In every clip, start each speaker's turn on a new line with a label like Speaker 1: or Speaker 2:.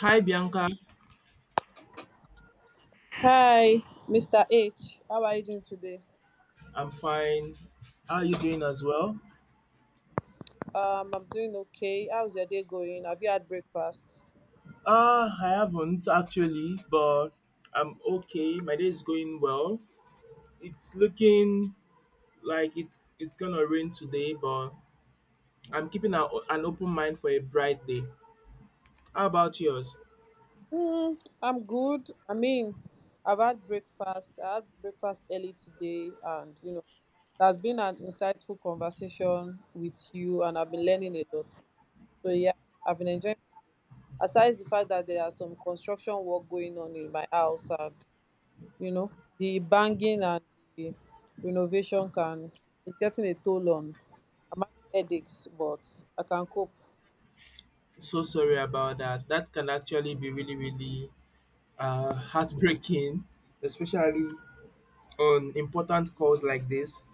Speaker 1: Hi Bianca,
Speaker 2: Hi, Mr. H. How are you doing today?
Speaker 1: I'm fine. How are you doing as well?
Speaker 2: I'm doing okay. How's your day going? Have you had breakfast?
Speaker 1: I haven't actually, but I'm okay. My day is going well. It's looking like it's gonna rain today, but I'm keeping a, an open mind for a bright day. How about yours?
Speaker 2: I'm good. I mean, I've had breakfast. I had breakfast early today, and it has been an insightful conversation with you, and I've been learning a lot. So yeah, I've been enjoying. Aside the fact that there are some construction work going on in my house. And, you know the banging and the renovation, can it's getting a toll on. I'm having headaches, but I can cope.
Speaker 1: So sorry about that. That can actually be really, really heartbreaking, especially on important calls like this.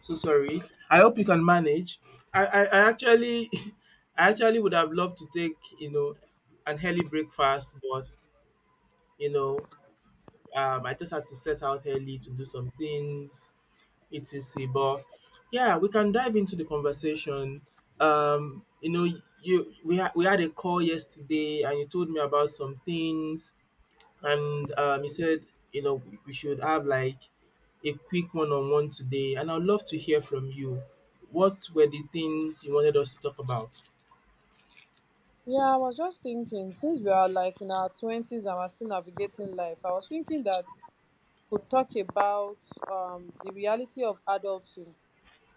Speaker 1: So sorry. I hope you can manage. I actually I actually would have loved to take, you know, an early breakfast, but you know, I just had to set out early to do some things, etc. But yeah, we can dive into the conversation. Um, you know, you we had a call yesterday, and you told me about some things and he said, you know, we should have like a quick one-on-one today, and I'd love to hear from you. What were the things you wanted us to talk about?
Speaker 2: Yeah, I was just thinking, since we are like in our 20s and we're still navigating life, I was thinking that we could talk about the reality of adulting,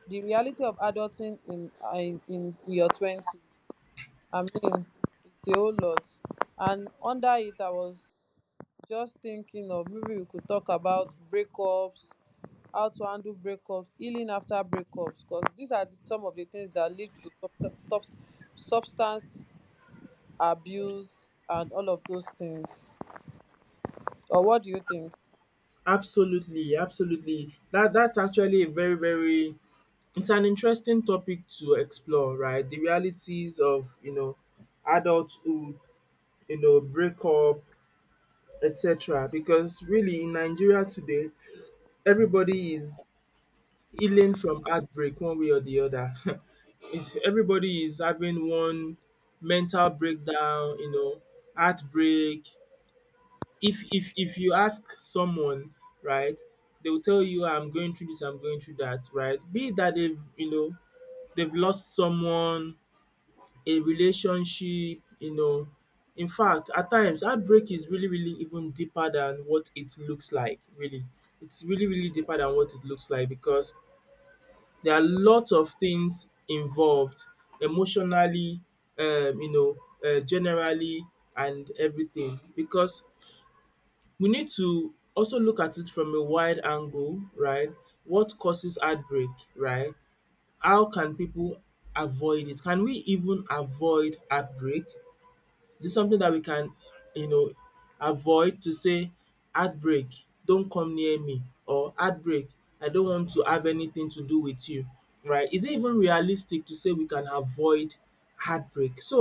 Speaker 2: the reality of adulting in your 20s. I mean, it's a whole lot. And under it, I was just thinking of maybe we could talk about breakups, how to handle breakups, healing after breakups, because these are some of the things that lead to substance abuse and all of those things. Or what do you think?
Speaker 1: Absolutely, absolutely. That's actually a very, very it's an interesting topic to explore, right? The realities of you know adulthood, you know, breakup, etc. Because really in Nigeria today, everybody is healing from heartbreak one way or the other. It's, everybody is having one mental breakdown, you know, heartbreak. If you ask someone, right, they will tell you, "I'm going through this, I'm going through that," right? Be it that they've you know they've lost someone, a relationship, you know. In fact, at times heartbreak is really really even deeper than what it looks like. Really, it's really really deeper than what it looks like because there are lots of things involved emotionally, you know, generally and everything because we need to also look at it from a wide angle, right? What causes heartbreak, right? How can people avoid it? Can we even avoid heartbreak? Is it something that we can you know avoid to say, heartbreak. ‘Heartbreak, don't come near me’ or heartbreak. I don't want to have anything to do with you’, right? Is it even realistic to say we can avoid heartbreak? So,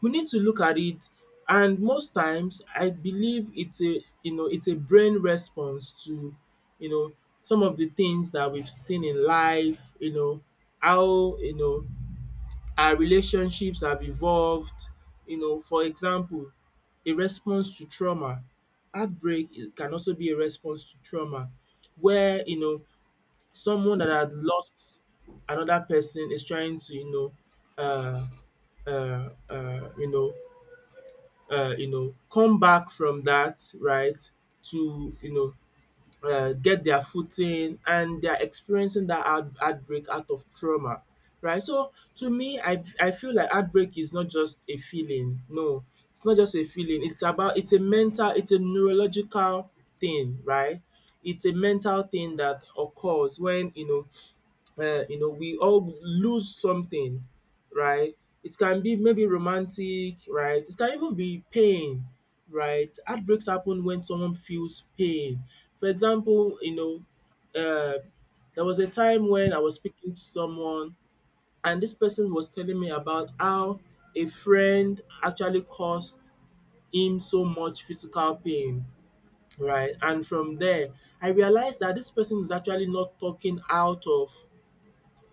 Speaker 1: we need to look at it and most times I believe it's a you know it's a brain response to you know some of the things that we've seen in life, you know, how you know our relationships have evolved, you know, for example, a response to trauma. Can also be a response to trauma where, you know, someone that had lost another person is trying to, you know, uh, you know, you know, come back from that, right? To, you know, get their footing and they are experiencing that heartbreak out of trauma, right? So to me, I feel like heartbreak is not just a feeling. No, it's not just a feeling. It's about it's a mental, it's a neurological thing, right? It's a mental thing that occurs when you know, we all lose something, right? It can be maybe romantic, right? It can even be pain, right? Heartbreaks happen when someone feels pain. For example, you know, uh, there was a time when I was speaking to someone, and this person was telling me about how a friend actually caused him so much physical pain, right? And from there, I realized that this person is actually not talking out of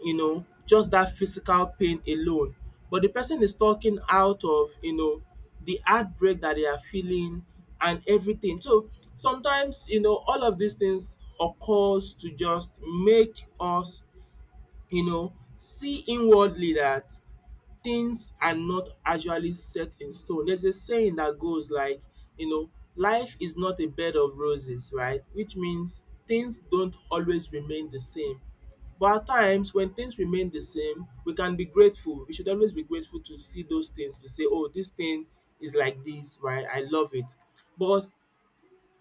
Speaker 1: you know, just that physical pain alone. But the person is talking out of, you know, the heartbreak that they are feeling and everything. So sometimes, you know, all of these things occurs to just make us, you know, see inwardly that things are not actually set in stone. There's a saying that goes like, you know, life is not a bed of roses, right? Which means things don't always remain the same. But at times when things remain the same, we can be grateful. We should always be grateful to see those things, to say, oh, this thing is like this, right? I love it. But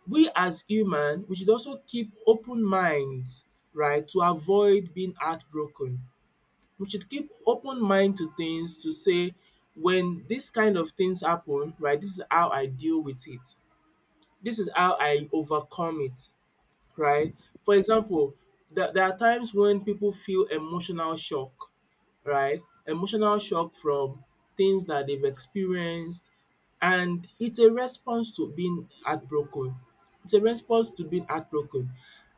Speaker 1: we as human, we should also keep open minds, right, to avoid being heartbroken we should keep open mind to things to say when this kind of things happen, right, this is how I deal with it. This is how I overcome it, right? For example, there are times when people feel emotional shock, right? Emotional shock from things that they've experienced, and it's a response to being heartbroken. It's a response to being heartbroken.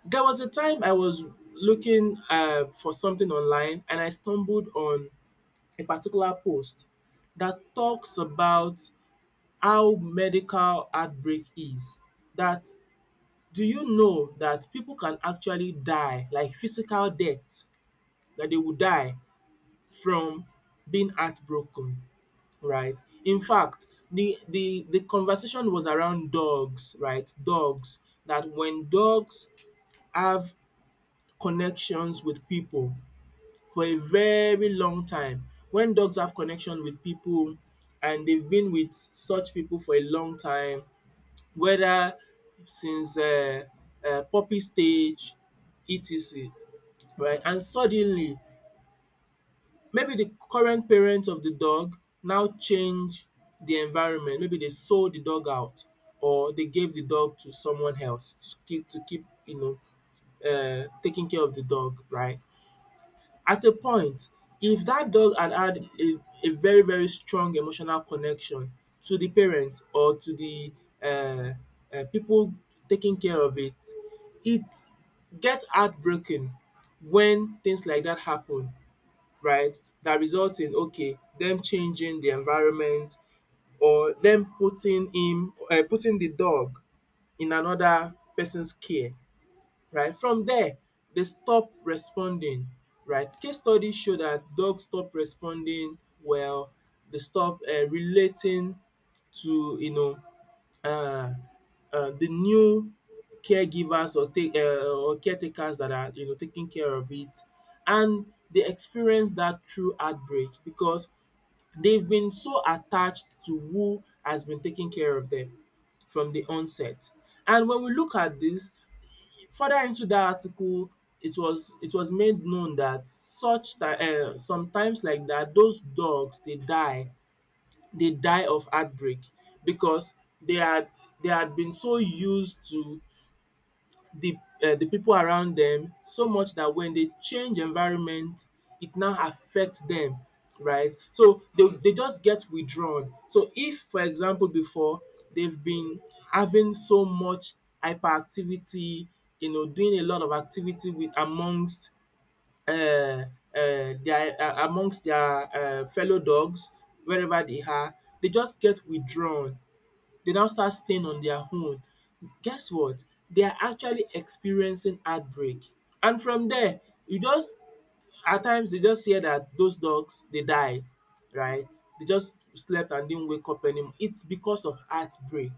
Speaker 1: There was a time I was looking for something online and I stumbled on a particular post that talks about how medical outbreak is. That do you know that people can actually die like physical death that they will die from being heartbroken, right? In fact, the conversation was around dogs, right? Dogs. That when dogs have connections with people for a very long time. When dogs have connection with people and they've been with such people for a long time, whether since puppy stage etc right and suddenly maybe the current parent of the dog now change the environment, maybe they sold the dog out or they gave the dog to someone else to keep you know taking care of the dog right. At a point, if that dog had a very very strong emotional connection to the parent or to the um people taking care of it, it gets heartbroken when things like that happen, right? That results in okay them changing the environment or them putting him putting the dog in another person's care right? From there, they stop responding, right? Case studies show that dogs stop responding well, they stop relating to you know uh, the new caregivers or take or caretakers that are you know taking care of it, and they experience that through heartbreak because they've been so attached to who has been taking care of them from the onset. And when we look at this, further into the article, it was made known that such sometimes like that those dogs they die of heartbreak because they had they had been so used to the the people around them so much that when they change environment it now affects them right. So they just get withdrawn. So if for example before they've been having so much hyperactivity you know doing a lot of activity with amongst their amongst their fellow dogs wherever they are, they just get withdrawn they now start staying on their own. Guess what? They are actually experiencing heartbreak. And from there, you just at times you just hear that those dogs they die, right? They just slept and didn't wake up anymore. It's because of heartbreak,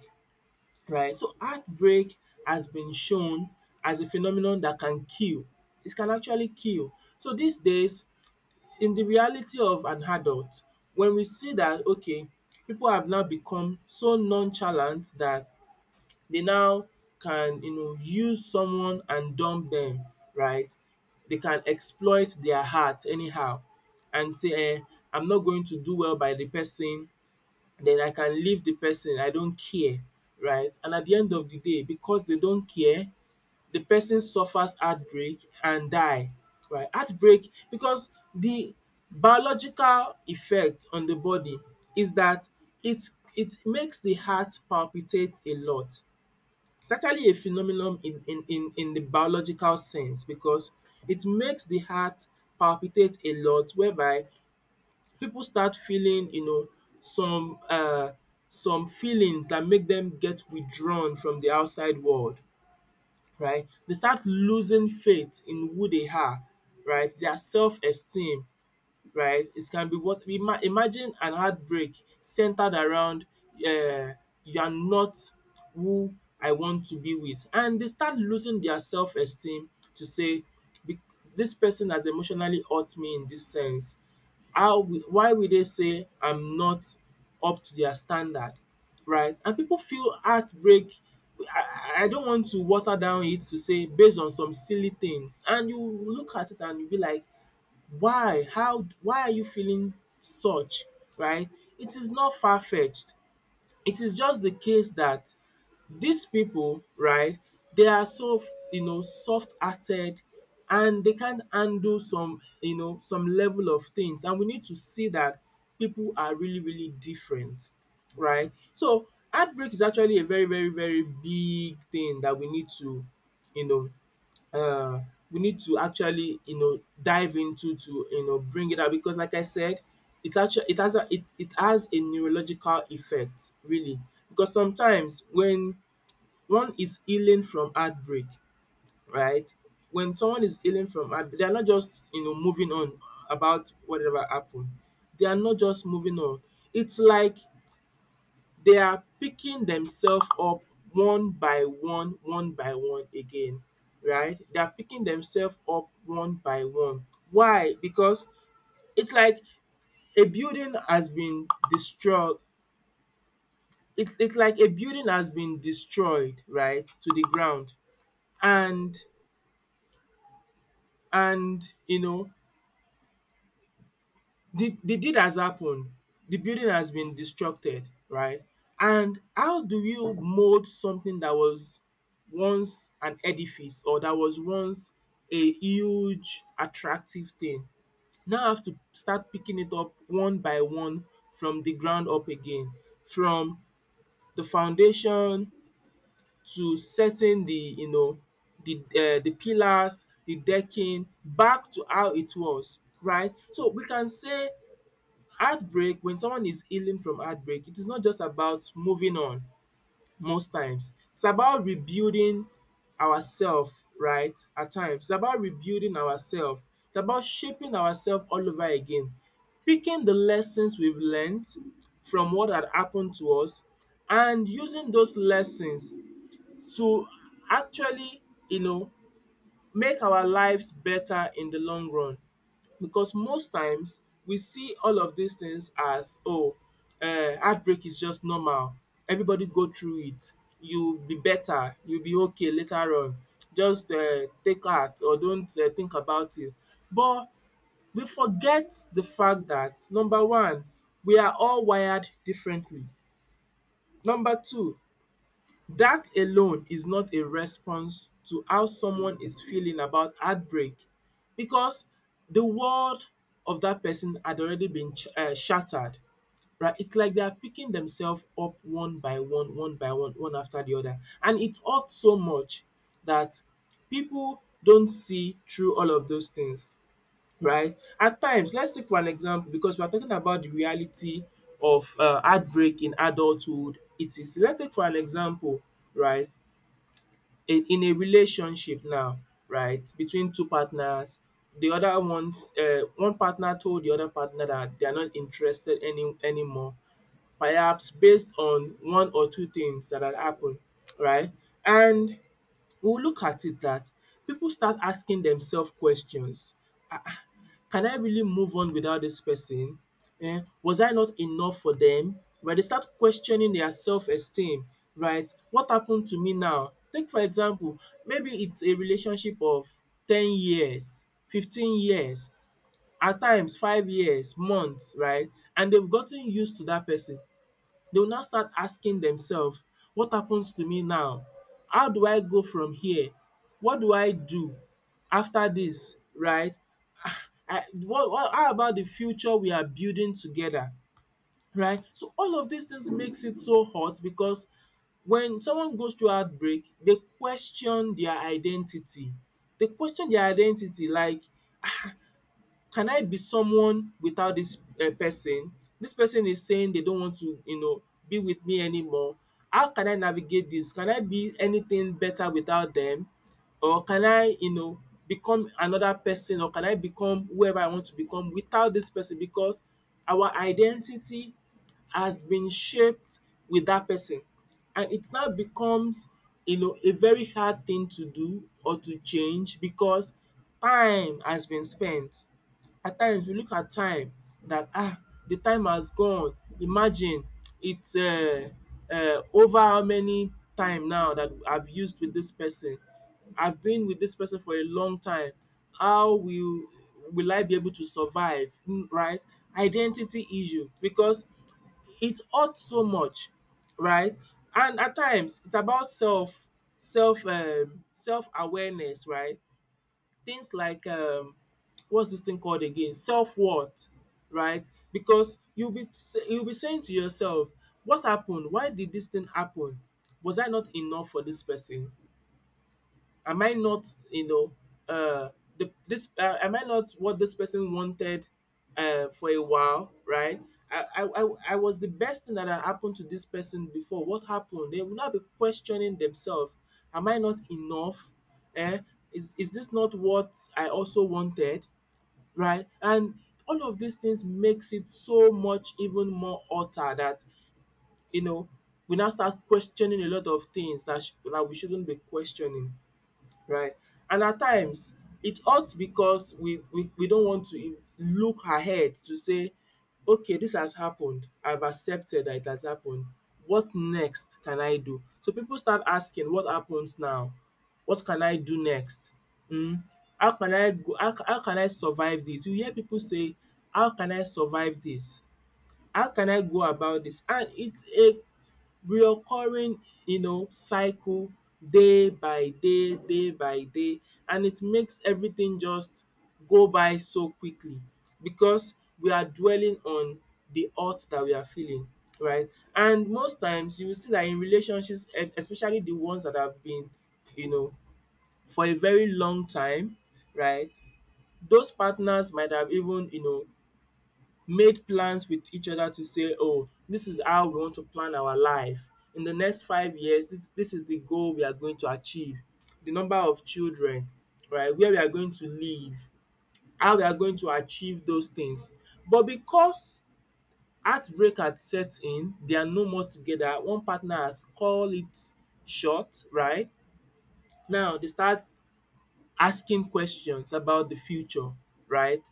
Speaker 1: right? So heartbreak has been shown as a phenomenon that can kill. It can actually kill. So these days, in the reality of an adult, when we see that okay, people have now become so nonchalant that they now can you know use someone and dump them, right? They can exploit their heart anyhow and say I'm not going to do well by the person then I can leave the person I don't care, right? And at the end of the day because they don't care the person suffers heartbreak and die, right? Heartbreak because the biological effect on the body is that it it makes the heart palpitate a lot it's actually a phenomenon in the biological sense because it makes the heart palpitate a lot whereby people start feeling, you know, some uh some feelings that make them get withdrawn from the outside world, right? They start losing faith in who they are, right? Their self-esteem right? It can be what imagine an heartbreak centered around um you are not who I want to be with and they start losing their self esteem to say be dis person has emotionally hurt me in this sense. How will why will they say I'm not up to their standard, right? And people feel heartbreak I don't want to water down it to say based on some silly things and you look at it and you be like why? How why are you feeling such, right? It is not far-fetched. It is just the case that these people, right, they are so you know soft-hearted and they can't handle some you know some level of things. And we need to see that people are really, really different, right? So heartbreak is actually a very, very, very big thing that we need to you know uh, we need to actually you know dive into to you know bring it out because like I said it actually it has a, it has a neurological effect really because sometimes when one is healing from heartbreak, right? When someone is healing from heartbreak, they are not just, you know, moving on about whatever happened. They are not just moving on. It's like they are picking themselves up one by one again, right? They are picking themselves up one by one. Why? Because it's like a building has been destroyed. It's like a building has been destroyed, right, to the ground. And and you know the deed has happened, the building has been destructed, right, and how do you mold something that was once an edifice or that was once a huge attractive thing, now have to start picking it up one by one from the ground up again, from the foundation, to setting the you know the pillars, the decking back to how it was, right? So we can say heartbreak, when someone is healing from heartbreak, it is not just about moving on most times. It's about rebuilding ourself, right? At times, it's about rebuilding ourself, it's about shaping ourself all over again, picking the lessons we've learned from what had happened to us and using those lessons to actually, you know, make our lives better in the long run. Because most times we see all of these things as, oh, heartbreak is just normal, everybody go through it, you'll be better, you'll be okay later on, just take heart or don't think about it. But we forget the fact that number one, we are all wired differently. Number two, that alone is not a response to how someone is feeling about heartbreak, because the world of that person had already been shattered, right? It's like they are picking themselves up one by one, one by one, one after the other. And it hurts so much that people don't see through all of those things, right? At times, let's take for an example, because we are talking about the reality of heartbreak in adulthood. It is, let's take for an example, right, in a relationship now, right, between two partners, the other one's one partner told the other partner that they are not interested anymore, perhaps based on one or two things that had happened, right? And we will look at it that people start asking themselves questions. Can I really move on without this person? Was I not enough for them? Right, they start questioning their self esteem, right? What happened to me now? Take for example, maybe it's a relationship of 10 years, 15 years, at times 5 years, months, right? And they've gotten used to that person. They will now start asking themselves, “what happens to me now? How do I go from here? What do I do after this, right? I what how about the future we are building together, right?” So all of these things makes it so hot, because when someone goes through heartbreak, they question their identity. They question their identity like, can I be someone without this person? This person is saying they don't want to, you know, be with me anymore. How can I navigate this? Can I be anything better without them? Or can I, you know, become another person, or can I become whoever I want to become without this person? Because our identity has been shaped with that person, and it now becomes, you know, a very hard thing to do or to change, because time has been spent. At times we look at time, that, ah, the time has gone. Imagine, it's over how many time now that I've used with this person. I've been with this person for a long time. How will I be able to survive? Mm, right? Identity issue, because it hurts so much, right? And at times it's about self awareness, right? Things like what's this thing called again? Self worth, right? Because you'll be saying to yourself, "What happened? Why did this thing happen? Was I not enough for this person? Am I not, you know, uh, am I not what this person wanted for a while, right? I was the best thing that had happened to this person before. What happened?" They will not be questioning themselves. Am I not enough? Eh? Is this not what I also wanted? Right? And all of these things makes it so much even more utter that, you know, we now start questioning a lot of things that, that we shouldn't be questioning, right? And at times it hurts because we don't want to look ahead to say, okay, this has happened, I've accepted that it has happened, what next can I do? So people start asking, what happens now? What can I do next? um How can I go how can I survive this? You hear people say, how can I survive this? How can I go about this? And it's a reoccurring, you know, cycle, day by day, day by day, and it makes everything just go by so quickly, because we are dwelling on the hurt that we are feeling, right? And most times you will see that in relationships, especially the ones that have been, you know, for a very long time, right? Those partners might have even, you know, made plans with each other to say, oh, this is how we want to plan our life in the next 5 years, this is the goal we are going to achieve, the number of children, right, where we are going to live, how we are going to achieve those things. But because heartbreak had set in, they are no more together, one partner has call it short, right. Now they start asking questions about the future, right.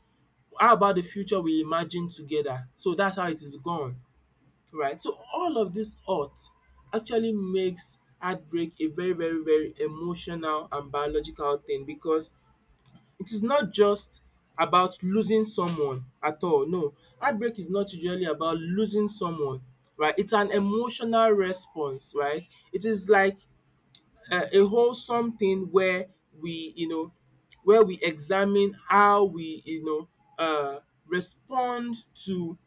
Speaker 1: How about the future we imagined together? So that's how it is gone, right? So all of this art actually makes heartbreak a very, very, very emotional and biological thing, because it is not just about losing someone at all. No, heartbreak is not usually about losing someone, right? It's an emotional response, right? It is like a whole something where we, you know, where we examine how we, you know, uh, respond to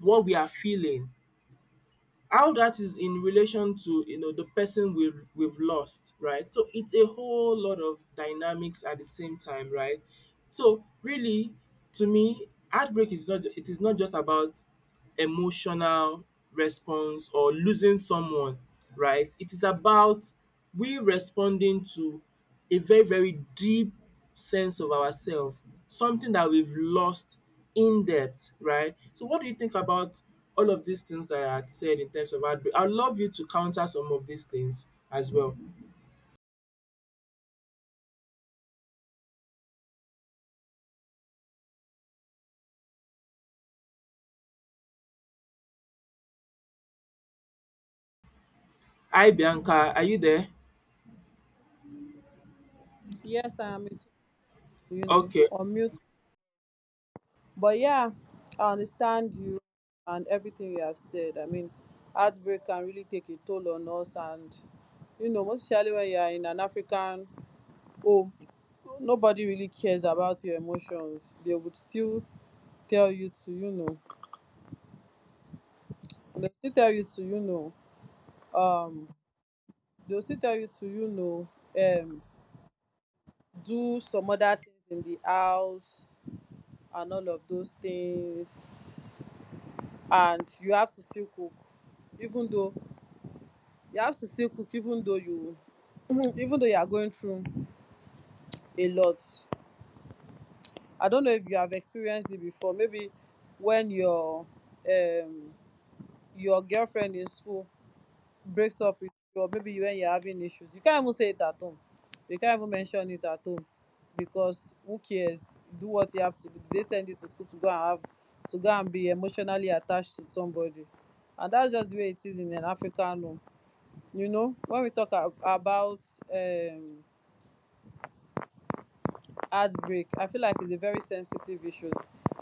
Speaker 1: what we are feeling, how that is in relation to you know the person we've lost, right? So it's a whole lot of dynamics at the same time, right? So really, to me, heartbreak is not, it is not just about emotional response or losing someone, right? It is about we responding to a very, very deep sense of ourselves, something that we've lost in depth, right? So, what do you think about all of these things that I had said in terms of heartbreak? I'd love you to counter some of these things as well. Hi, Bianca. Are you there?
Speaker 2: Yes, I am. You know,
Speaker 1: Okay.
Speaker 2: unmute. But yeah, I understand you and everything you have said. I mean, heartbreak can really take a toll on us, and most especially when you are in an African home, nobody really cares about your emotions. Tell you to, you know, they still tell you to, you know, um, they'll still tell you to, um, do some other things in the house and all of those things, and you have to still cook even though you have to still cook even though you even though you are going through a lot. I don't know if you have experienced it before. Maybe when your um girlfriend in school breaks up with you, or maybe when you're having issues, you can't even say it at home, you can't even mention it at home, because who cares? Do what you have to do. They send you to school to go and be emotionally attached to somebody, and that's just the way it is in an African home. You know, when we talk about um heartbreak, I feel like it's a very sensitive issue,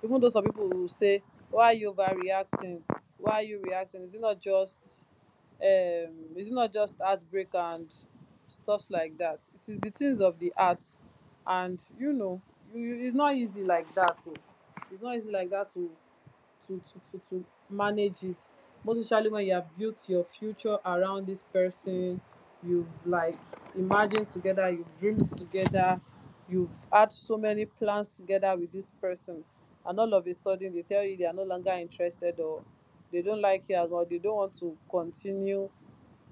Speaker 2: even though some people will say, why are you overreacting, why are you reacting, is it not just heartbreak and stuffs like that? It is the things of the heart. And you, it's not easy like that, o, it's not easy like that to manage it, most especially when you have built your future around this person. You've like imagined together, you've dreamed together, you've had so many plans together with this person, and all of a sudden they tell you they are no longer interested, or they don't like you as well. They don't want to continue,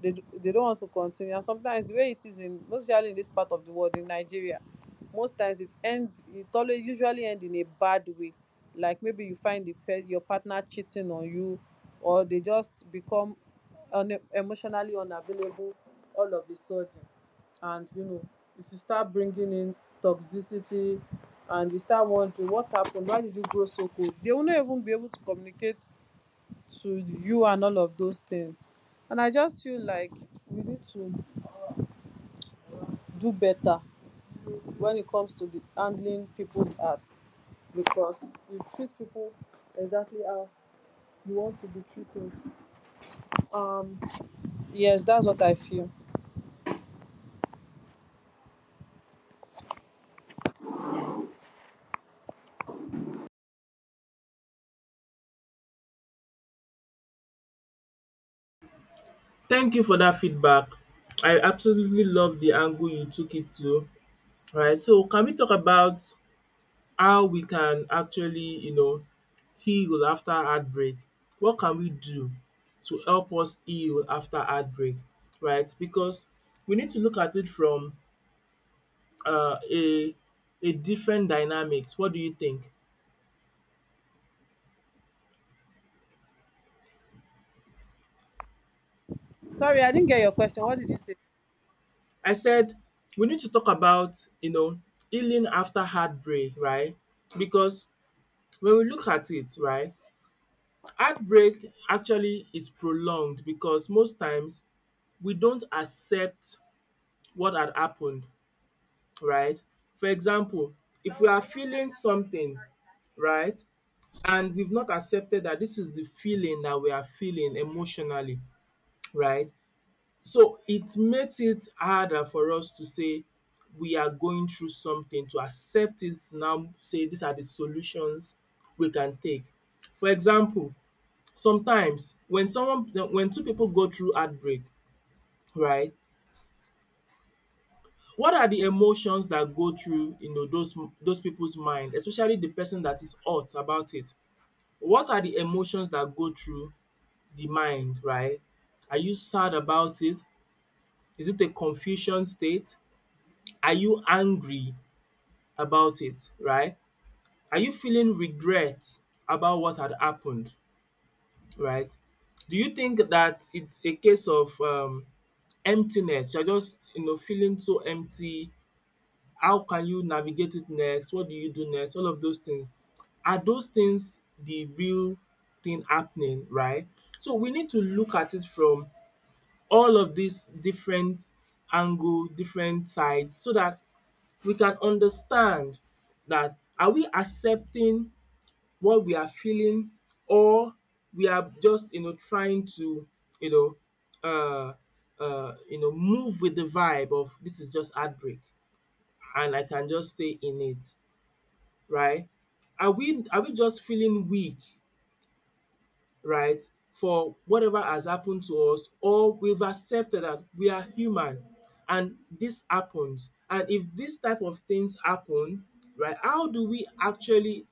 Speaker 2: they d- they don't want to continue and sometimes the way it is, in most especially in this part of the world, in Nigeria, most times it always usually end in a bad way. Like, maybe you find your partner cheating on you, or they just become emotionally unavailable all of a sudden. And if you start bringing in toxicity and you start wondering what happened, why did you grow so cold, they will not even be able to communicate to you and all of those things. And I just feel like we need to do better when it comes to the handling people's art, because you treat people exactly how you want to be treated. Um, yes, that's what I feel.
Speaker 1: Thank you for that feedback. I absolutely love the angle you took it to. All right. So, can we talk about how we can actually, you know, heal after heartbreak. What can we do to help us heal after heartbreak, right? Because we need to look at it from a different dynamics. What do you think?
Speaker 2: Sorry, I didn't get your question. What did you say?
Speaker 1: I said we need to talk about, you know, healing after heartbreak, right? Because when we look at it, right, heartbreak actually is prolonged because most times we don't accept what had happened, right? For example, if we are feeling something, right, and we've not accepted that this is the feeling that we are feeling emotionally, right? So it makes it harder for us to say we are going through something, to accept it now, say these are the solutions we can take. For example, sometimes when someone when two people go through heartbreak, right, what are the emotions that go through you know those people's mind, especially the person that is hot about it? What are the emotions that go through the mind, right? Are you sad about it? Is it a confusion state? Are you angry about it, right? Are you feeling regret about what had happened, right? Do you think that it's a case of emptiness, you're just you know feeling so empty? How can you navigate it next? What do you do next? All of those things. Are those things the real thing happening, right? So we need to look at it from all of these different angle, different sides, so that we can understand, that, are we accepting what we are feeling, or we are just you know trying to you know uh you know move with the vibe of, this is just heartbreak and I can just stay in it, right? Are we just feeling weak, right, for whatever has happened to us, or we've accepted that we are human and this happens. And if this type of things happen, right, how do we actually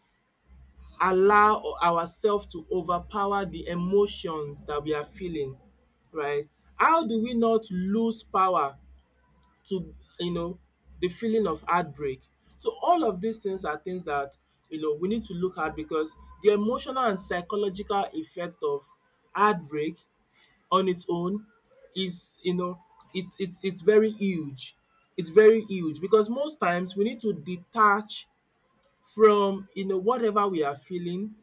Speaker 1: allow ourselves to overpower the emotions that we are feeling, right? How do we not lose power to you know the feeling of heartbreak. So all of these things are things that we need to look at because the emotional and psychological effect of heartbreak on its own is you know it's very huge. It's very huge because most times we need to detach from whatever we are feeling,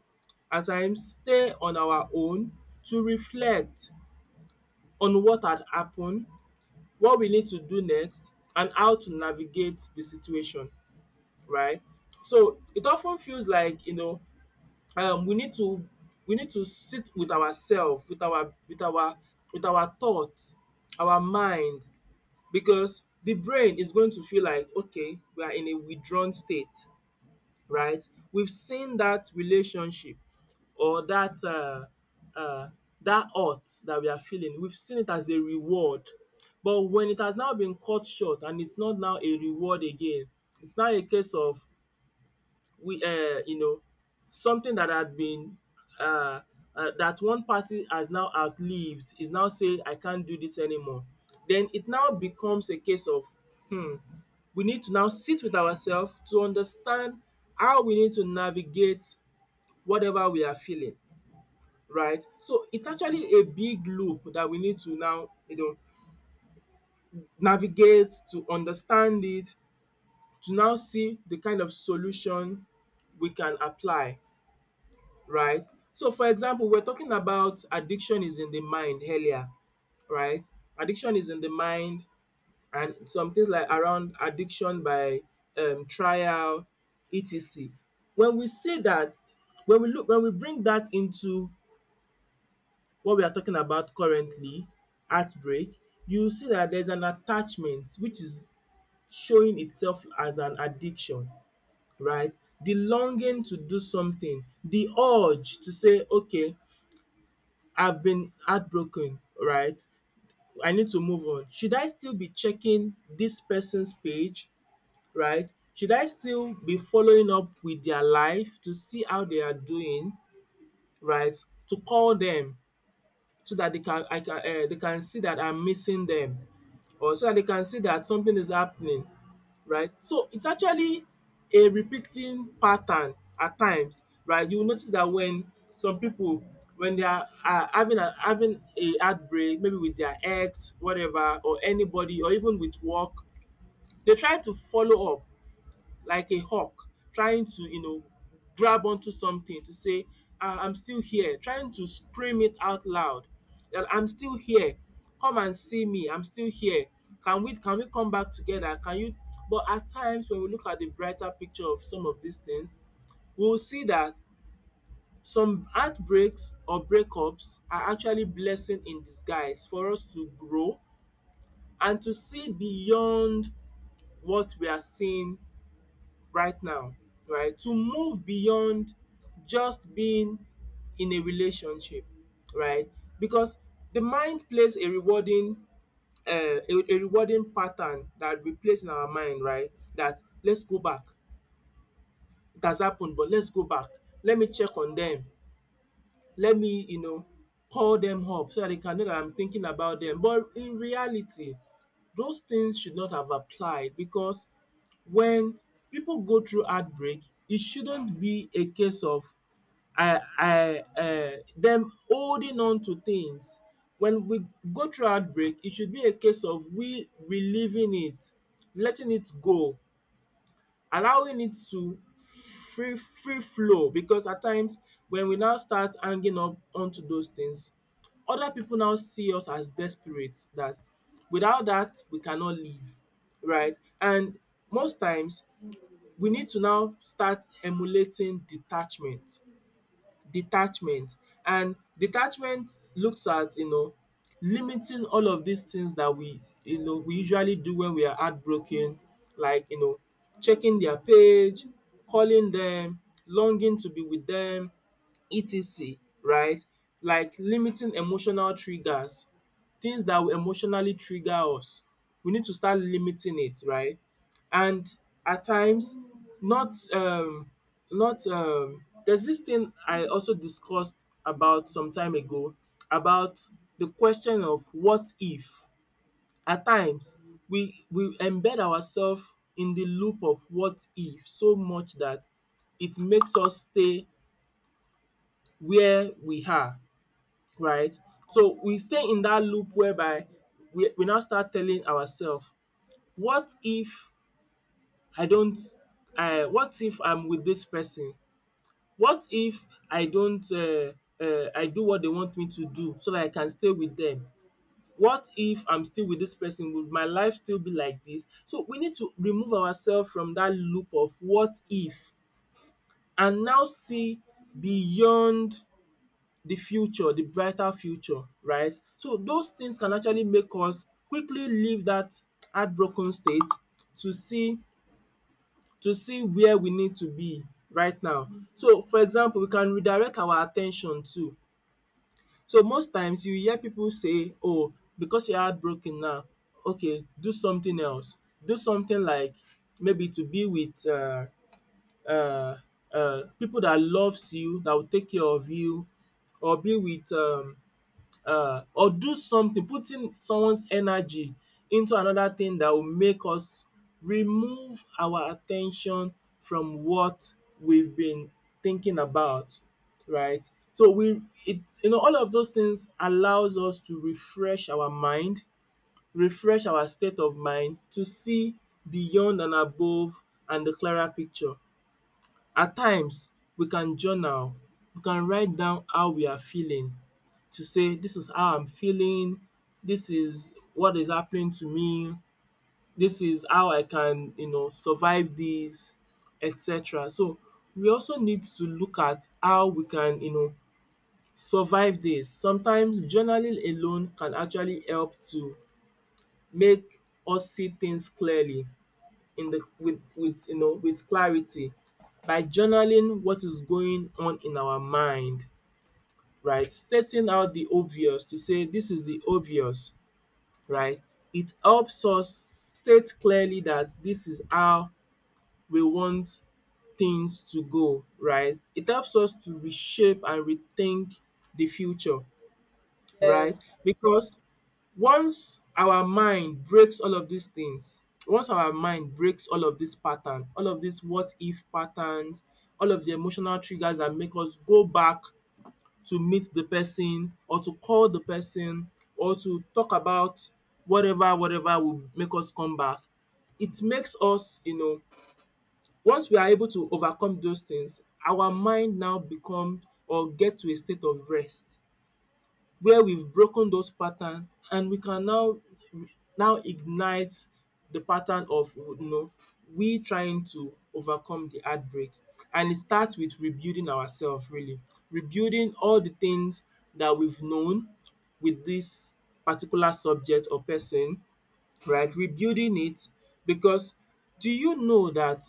Speaker 1: at times stay on our own to reflect on what had happened, what we need to do next, and how to navigate the situation, right? So it often feels like um, we need to we need to sit with ourselves, with our thoughts, our mind, because the brain is going to feel like, okay, we are in a withdrawn state, right? We've seen that relationship or uh, that hurt that we are feeling. We've seen it as a reward, but when it has now been cut short and it's not now a reward again, it's now a case of we, uh, you know, something that had been uh, that one party has now outlived is now saying, I can't do this anymore. Then it now becomes a case of hmm, we need to now sit with ourselves to understand how we need to navigate whatever we are feeling, right? So it's actually a big loop that we need to now, navigate to understand it, to now see the kind of solution we can apply, right? So for example, we're talking about addiction is in the mind earlier, right? Addiction is in the mind, and some things like around addiction by trial, etc. When we say that, when we look, when we bring that into what we are talking about currently, heartbreak, you see that there's an attachment which is showing itself as an addiction, right? The longing to do something, the urge to say, okay, I've been heartbroken, right? I need to move on. Should I still be checking this person's page, right? Should I still be following up with their life to see how they are doing, right? To call them so that they can see that I'm missing them, or so that they can see that something is happening, right? So it's actually a repeating pattern at times, right? You will notice that when some people, when they are having a heartbreak, maybe with their ex, whatever, or anybody, or even with work, they try to follow up like a hawk, trying to grab onto something to say, "Ah, I'm still here, trying to scream it out loud that I'm still here, come and see me, I'm still here, can we come back together, can you?" But at times, when we look at the brighter picture of some of these things, we'll see that some heartbreaks or breakups are actually blessing in disguise for us to grow and to see beyond what we are seeing right now, right? To move beyond just being in a relationship, right? Because the mind plays a rewarding pattern that we place in our mind, right? That, let's go back. It has happened, but let's go back. Let me check on them, let me call them up so that they can know that I'm thinking about them. But in reality, those things should not have applied, because when people go through heartbreak, it shouldn't be a case of them holding on to things. When we go through heartbreak, it should be a case of we relieving it, letting it go, allowing it to free flow, because at times, when we now start hanging up onto those things, other people now see us as desperate, that without that we cannot live, right? And most times, we need to now start emulating detachment, detachment, and detachment looks at limiting all of these things that we you know we usually do when we are heartbroken, like checking their page, calling them, longing to be with them, etc., right? Like limiting emotional triggers, things that will emotionally trigger us. We need to start limiting it, right? And at times, not not there's this thing I also discussed about some time ago, about the question of what if. At times, we embed ourselves in the loop of what if so much that it makes us stay where we are, right? So we stay in that loop whereby we now start telling ourselves, what if I don't, what if I'm with this person? What if I don't, I do what they want me to do so that I can stay with them? What if I'm still with this person? Would my life still be like this? So we need to remove ourselves from that loop of what if and now see beyond, the future, the brighter future, right? So those things can actually make us quickly leave that heartbroken state to see to see where we need to be right now. So for example, we can redirect our at ten tion too. So most times, you hear people say, "Oh, because you are heartbroken now, okay, do something else." Do something like, maybe, to be with um pipu dat loves you, that will take care of you, or be with or do something, putting someone's energy into another thing that will make us remove our attention from what we've been thinking about, right? So we it you know all of those things allows us to refresh our mind, refresh our state of mind to see beyond and above, and the clearer picture. At times we can journal, we can write down how we are feeling, to say, this is how I'm feeling, this is what is happening to me, this is how I can survive this, etc. So we also need to look at how we can survive this. Sometimes journaling alone can actually help to make us see things clearly, in the with you know with clarity, by journaling what is going on in our mind, right? Stating out the obvious to say, this is the obvious, right? It helps us state clearly that this is how we want things to go, right? It helps us to reshape and rethink the future, right?
Speaker 2: Yes,
Speaker 1: Because once our mind breaks all of these things, once our mind breaks all of dis pattern, all of dis what if patterns, all of the emotional triggers that make us go back to meet the person, or to call the person, or to talk about whatever will make us come back. It makes us once we are able to overcome those things, our mind now become, or get to a state of rest, where we've broken those patterns, and we can now ignite the pattern of we trying to overcome the heartbreak, and it starts with rebuilding ourselves, really, rebuilding all the things that we've known with this particular subject or person, right, rebuilding it, because do you know that,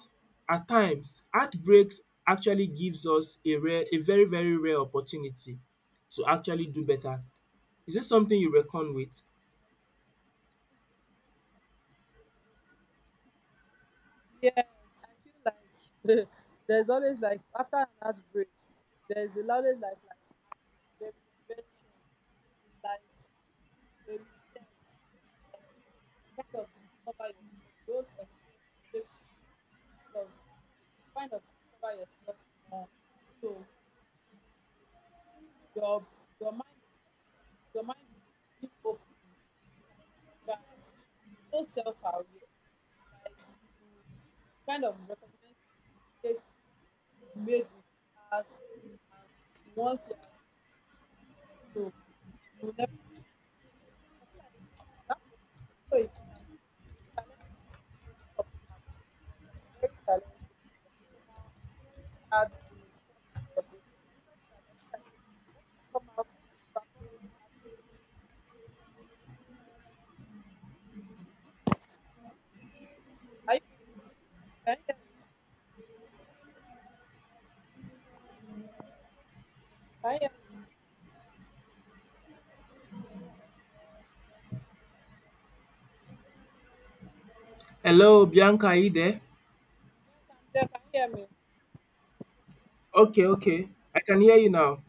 Speaker 1: at times, heartbreaks actually gives us a very, very rare opportunity to actually do better? Is this something you reckon with?
Speaker 2: yes. I feel like there's always, like, after an outbreak, there's always like a retention, like a reset, kind of discover yourself. Your own experience shapes you. Kind of kind of discover yourself more. You know, your your mind mind is being open. Like, you are so self aware. Like, you kind of recognize mistakes you've made in the past, and once you have, you know, you never, I feel like that process, so it can be challenging, of very challenging, out with some of this. When people come out, perform, are you with me? Can you hear me? Can you hear me?
Speaker 1: Hello, Bianca, are you there?
Speaker 2: Yes, I'm there. Can you hear me?
Speaker 1: Okay, okay. I can hear you now.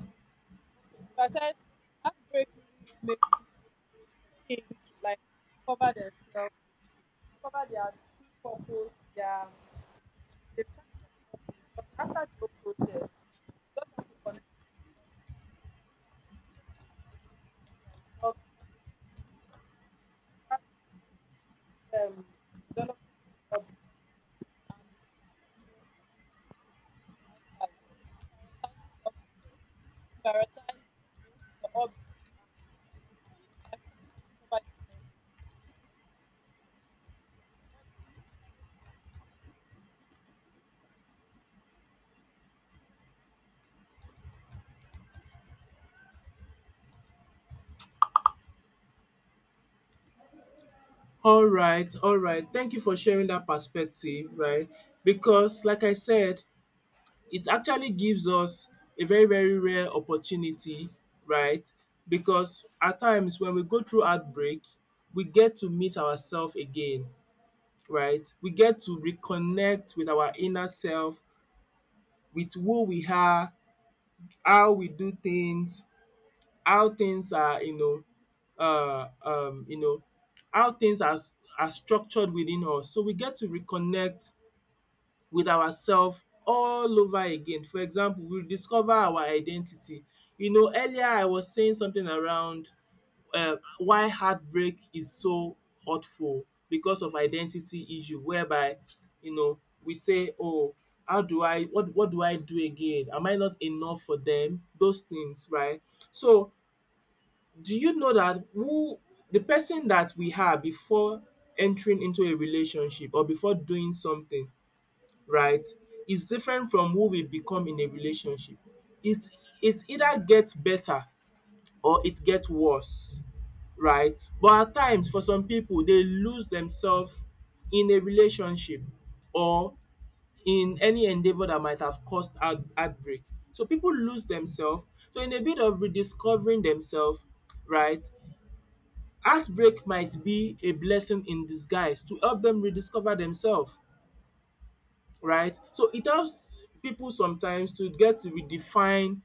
Speaker 2: Okay. So I said, heartbreak really makes people think, like, cover themselves, cover their true purpose, they find their purpose. But after the whole process, you just have to connect with yourself, that you love, start um, developing yourself and developing new lifestyle. Prioritize self-care, prioritize your hobby, and funny thing after discover yourself. What?
Speaker 1: All right, all right. Thank you for sharing that perspective, right? Because, like I said, it actually gives us a very, very rare opportunity, right? Because at times, when we go through outbreak, we get to meet ourselves again, right? We get to reconnect with our inner self, with who we are, how we do things, how things are, you know, uh, um, you know, how things are structured within us. So we get to reconnect with ourselves all over again. For example, we discover our identity. Earlier I was saying something around why heartbreak is so hurtful, because of identity issue, whereby you know we say, oh, how do I what do I do again? Am I not enough for them? Those things, right? So do you know that who the person that we are before entering into a relationship, or before doing something, right, is different from who we become in a relationship. It it either gets better or it gets worse, right? But at times, for some people, they lose themselves in a relationship, or in any endeavour that might have caused heartbreak. So people lose themselves. So in a bit of rediscovering themselves, right, heartbreak might be a blessing in disguise to help them rediscover themselves, right? So it helps people sometimes to get to redefine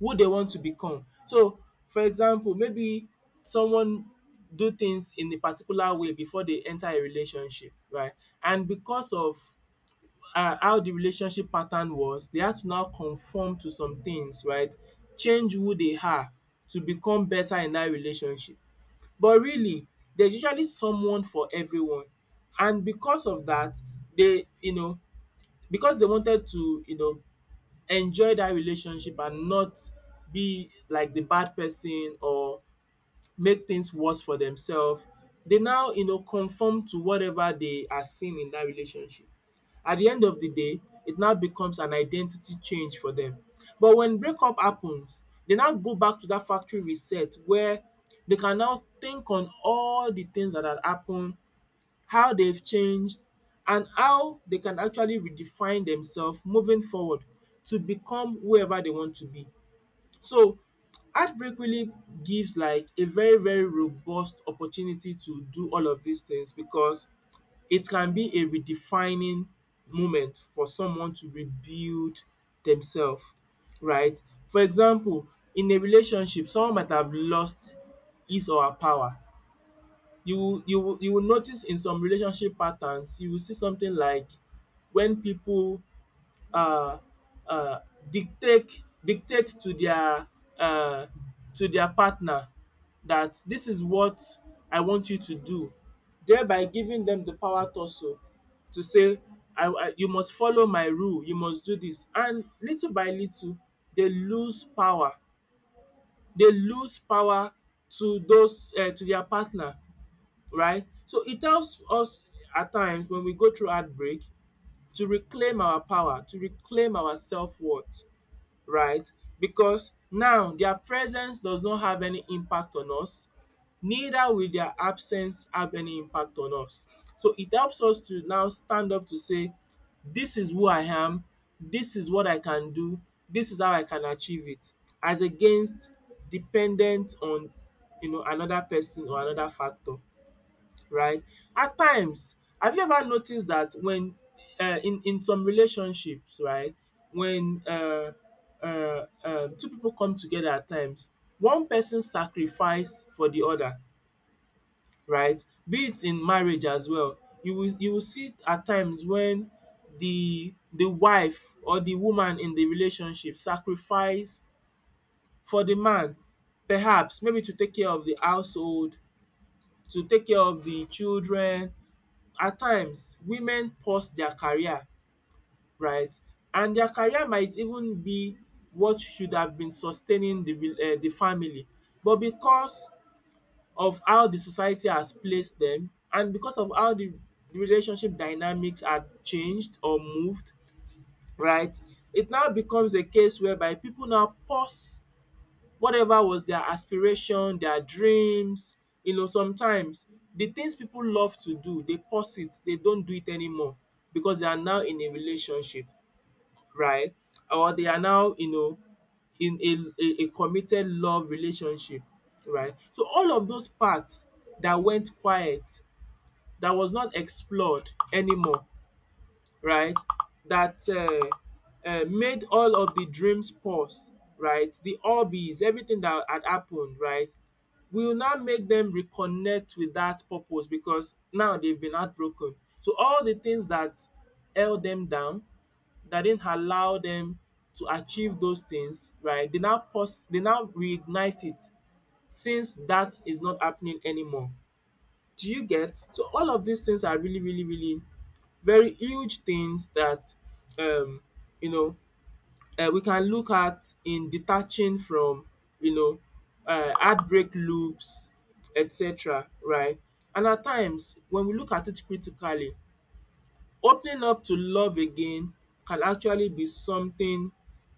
Speaker 1: who they want to become. So for example, maybe someone do things in a particular way before they enter a relationship, right? And because of how the relationship pattern was, they had to now conform to some things, right? Change who they are to become better in that relationship. But really, there's usually someone for everyone, and because of that, they you know, because they wanted to, you know, enjoy that relationship and not be like the bad person or make things worse for themselves, they now, you know, conform to whatever they are seeing in that relationship. At the end of the day, it now becomes an identity change for them. But when breakup happens, they now go back to that factory reset where they can now think on all the things that had happened, how they've changed, and how they can actually redefine themselves moving forward to become whoever they want to be. So heartbreak really gives like a very very robust opportunity to do all of these things because it can be a redefining moment for someone to rebuild themselves, right? For example, in a relationship someone might have lost his or her power. You will notice in some relationship patterns you will see something like when people uh, uh, dictate uh, to their partner that this is what I want you to do, thereby giving them the power also to say I, you must follow my rule, you must do this, and little by little they lose power. They lose power to those to their partner, right? So it helps us at times when we go through heartbreak to reclaim our power, to reclaim our self worth, right? Because now their presence does not have any impact on us, neither will their absence have any impact on us. So it helps us to now stand up to say, this is who I am, this is what I can do, this is how I can achieve it, as against dependent on, you know, another person or another factor, right? At times, have you ever noticed that when in some relationships, right, when two people come together at times, one person sacrifice for the other, right? Be it in marriage as well. You will see at times when the wife or the woman in the relationship sacrifice for the man. Perhaps maybe to take care of the household, to take care of the children, at times women pause their career, right? And their career might even be what should have been sustaining the re the family. But because of how the society has placed them and because of how the relationship dynamics had changed or moved, right? It now becomes a case whereby people now pause whatever was their aspiration, their dreams. You know, sometimes the things people love to do, they pause it, they don't do it anymore because they are now in a relationship, right? Or they are now, you know, in a committed love relationship, right? So all of those parts that went quiet, that was not explored anymore, right, that made all of the dreams pause, right, the hobbies, everything that had happened, right, will now make them reconnect with that purpose because now they've been heartbroken. So all the things that held them down, that didn't allow them to achieve those things, right? They now pause, they now reignite it since that is not happening anymore. Do you get? So all of these things are really, really, really very huge things that um you know we can look at in detaching from, you know, heartbreak loops, etc., right, and at times when we look at it critically, opening up to love again can actually be something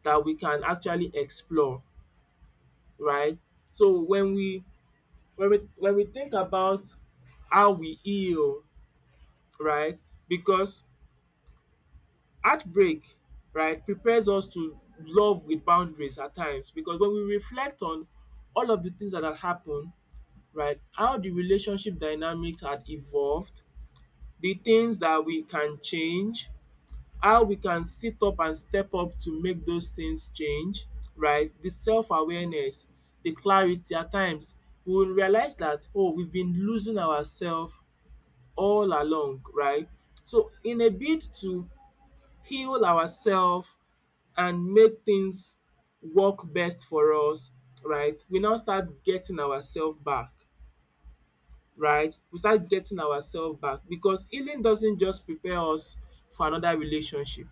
Speaker 1: that we can actually explore, right? So when we think about how we heal, right? Because heartbreak, right, prepares us to love with boundaries at times because when we reflect on all of the things that had happened, right, how the relationship dynamics had evolved, the things that we can change, how we can sit up and step up to make those things change, right, the self awareness, the clarity at times, we will realize that, oh, we've been losing ourselves all along, right? So, in a bid to heal ourselves and make things work best for us, right, we now start getting ourselves back, right? We start getting ourselves back because healing doesn't just prepare us for another relationship,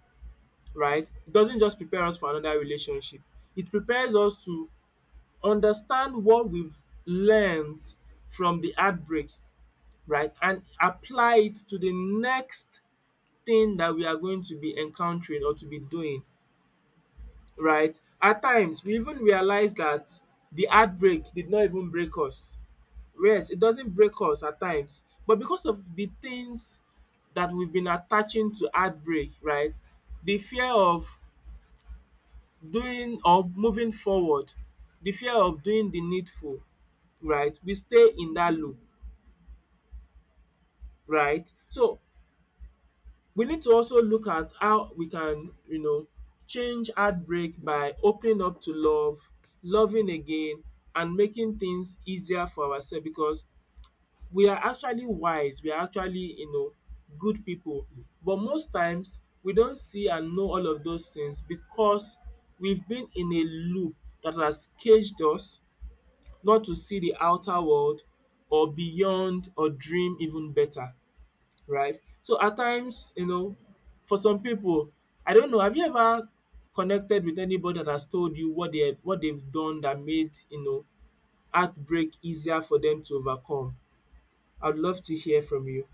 Speaker 1: right? It doesn't just prepare us for another relationship. It prepares us to understand what we've learned from the outbreak, right, and apply it to the next thing that we are going to be encountering or to be doing, right? At times we even realize that the heartbreak did not even break us. Yes, it doesn't break us at times, but because of the things that we've been attaching to heartbreak, right? The fear of doing or moving forward, the fear of doing the needful, right? We stay in that loop, right? So we need to also look at how we can, you know, change heartbreak by opening up to love, loving again, and making things easier for ourselves because we are actually wise, we are actually, you know, good people. But most times we don't see and know all of those things because we've been in a loop that has caged us not to see the outer world or beyond or dream even better, right? So at times, you know, for some people, I don't know, have you ever connected with anybody that has told you what they've done that made, you know, heartbreak easier for them to overcome? I'd love to hear from you.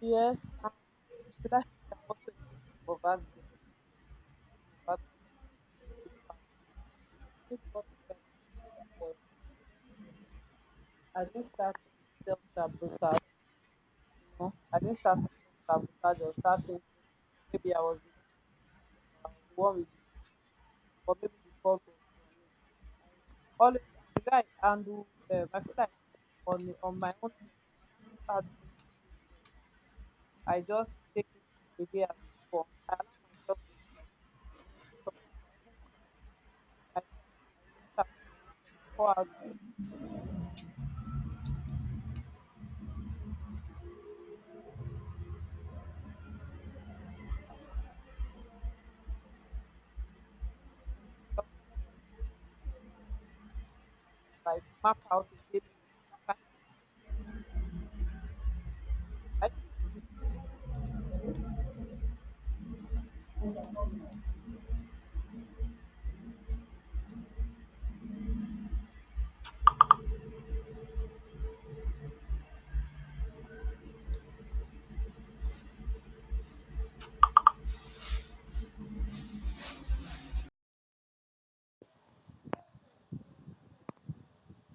Speaker 2: Yes, lastly, I'm also a victim of heartbreak. I've also been a victim of heartbreak in the past. I think what helped was, first thing is, I didn't start to self sabotage, you know. I didn't start to self sabotage or start thinking maybe I was the one, with, or maybe the fault was from me. I always, and the way I handle, I feel like, on my own end, I handle heartbreak situations. I just take it the day as it comes. I allow myself to feel. You know, sometimes I even cry. I cry, I let out the emotion, I pour out the emotion. I don't want self care. I feel that I like map out a daily routine. Are you there?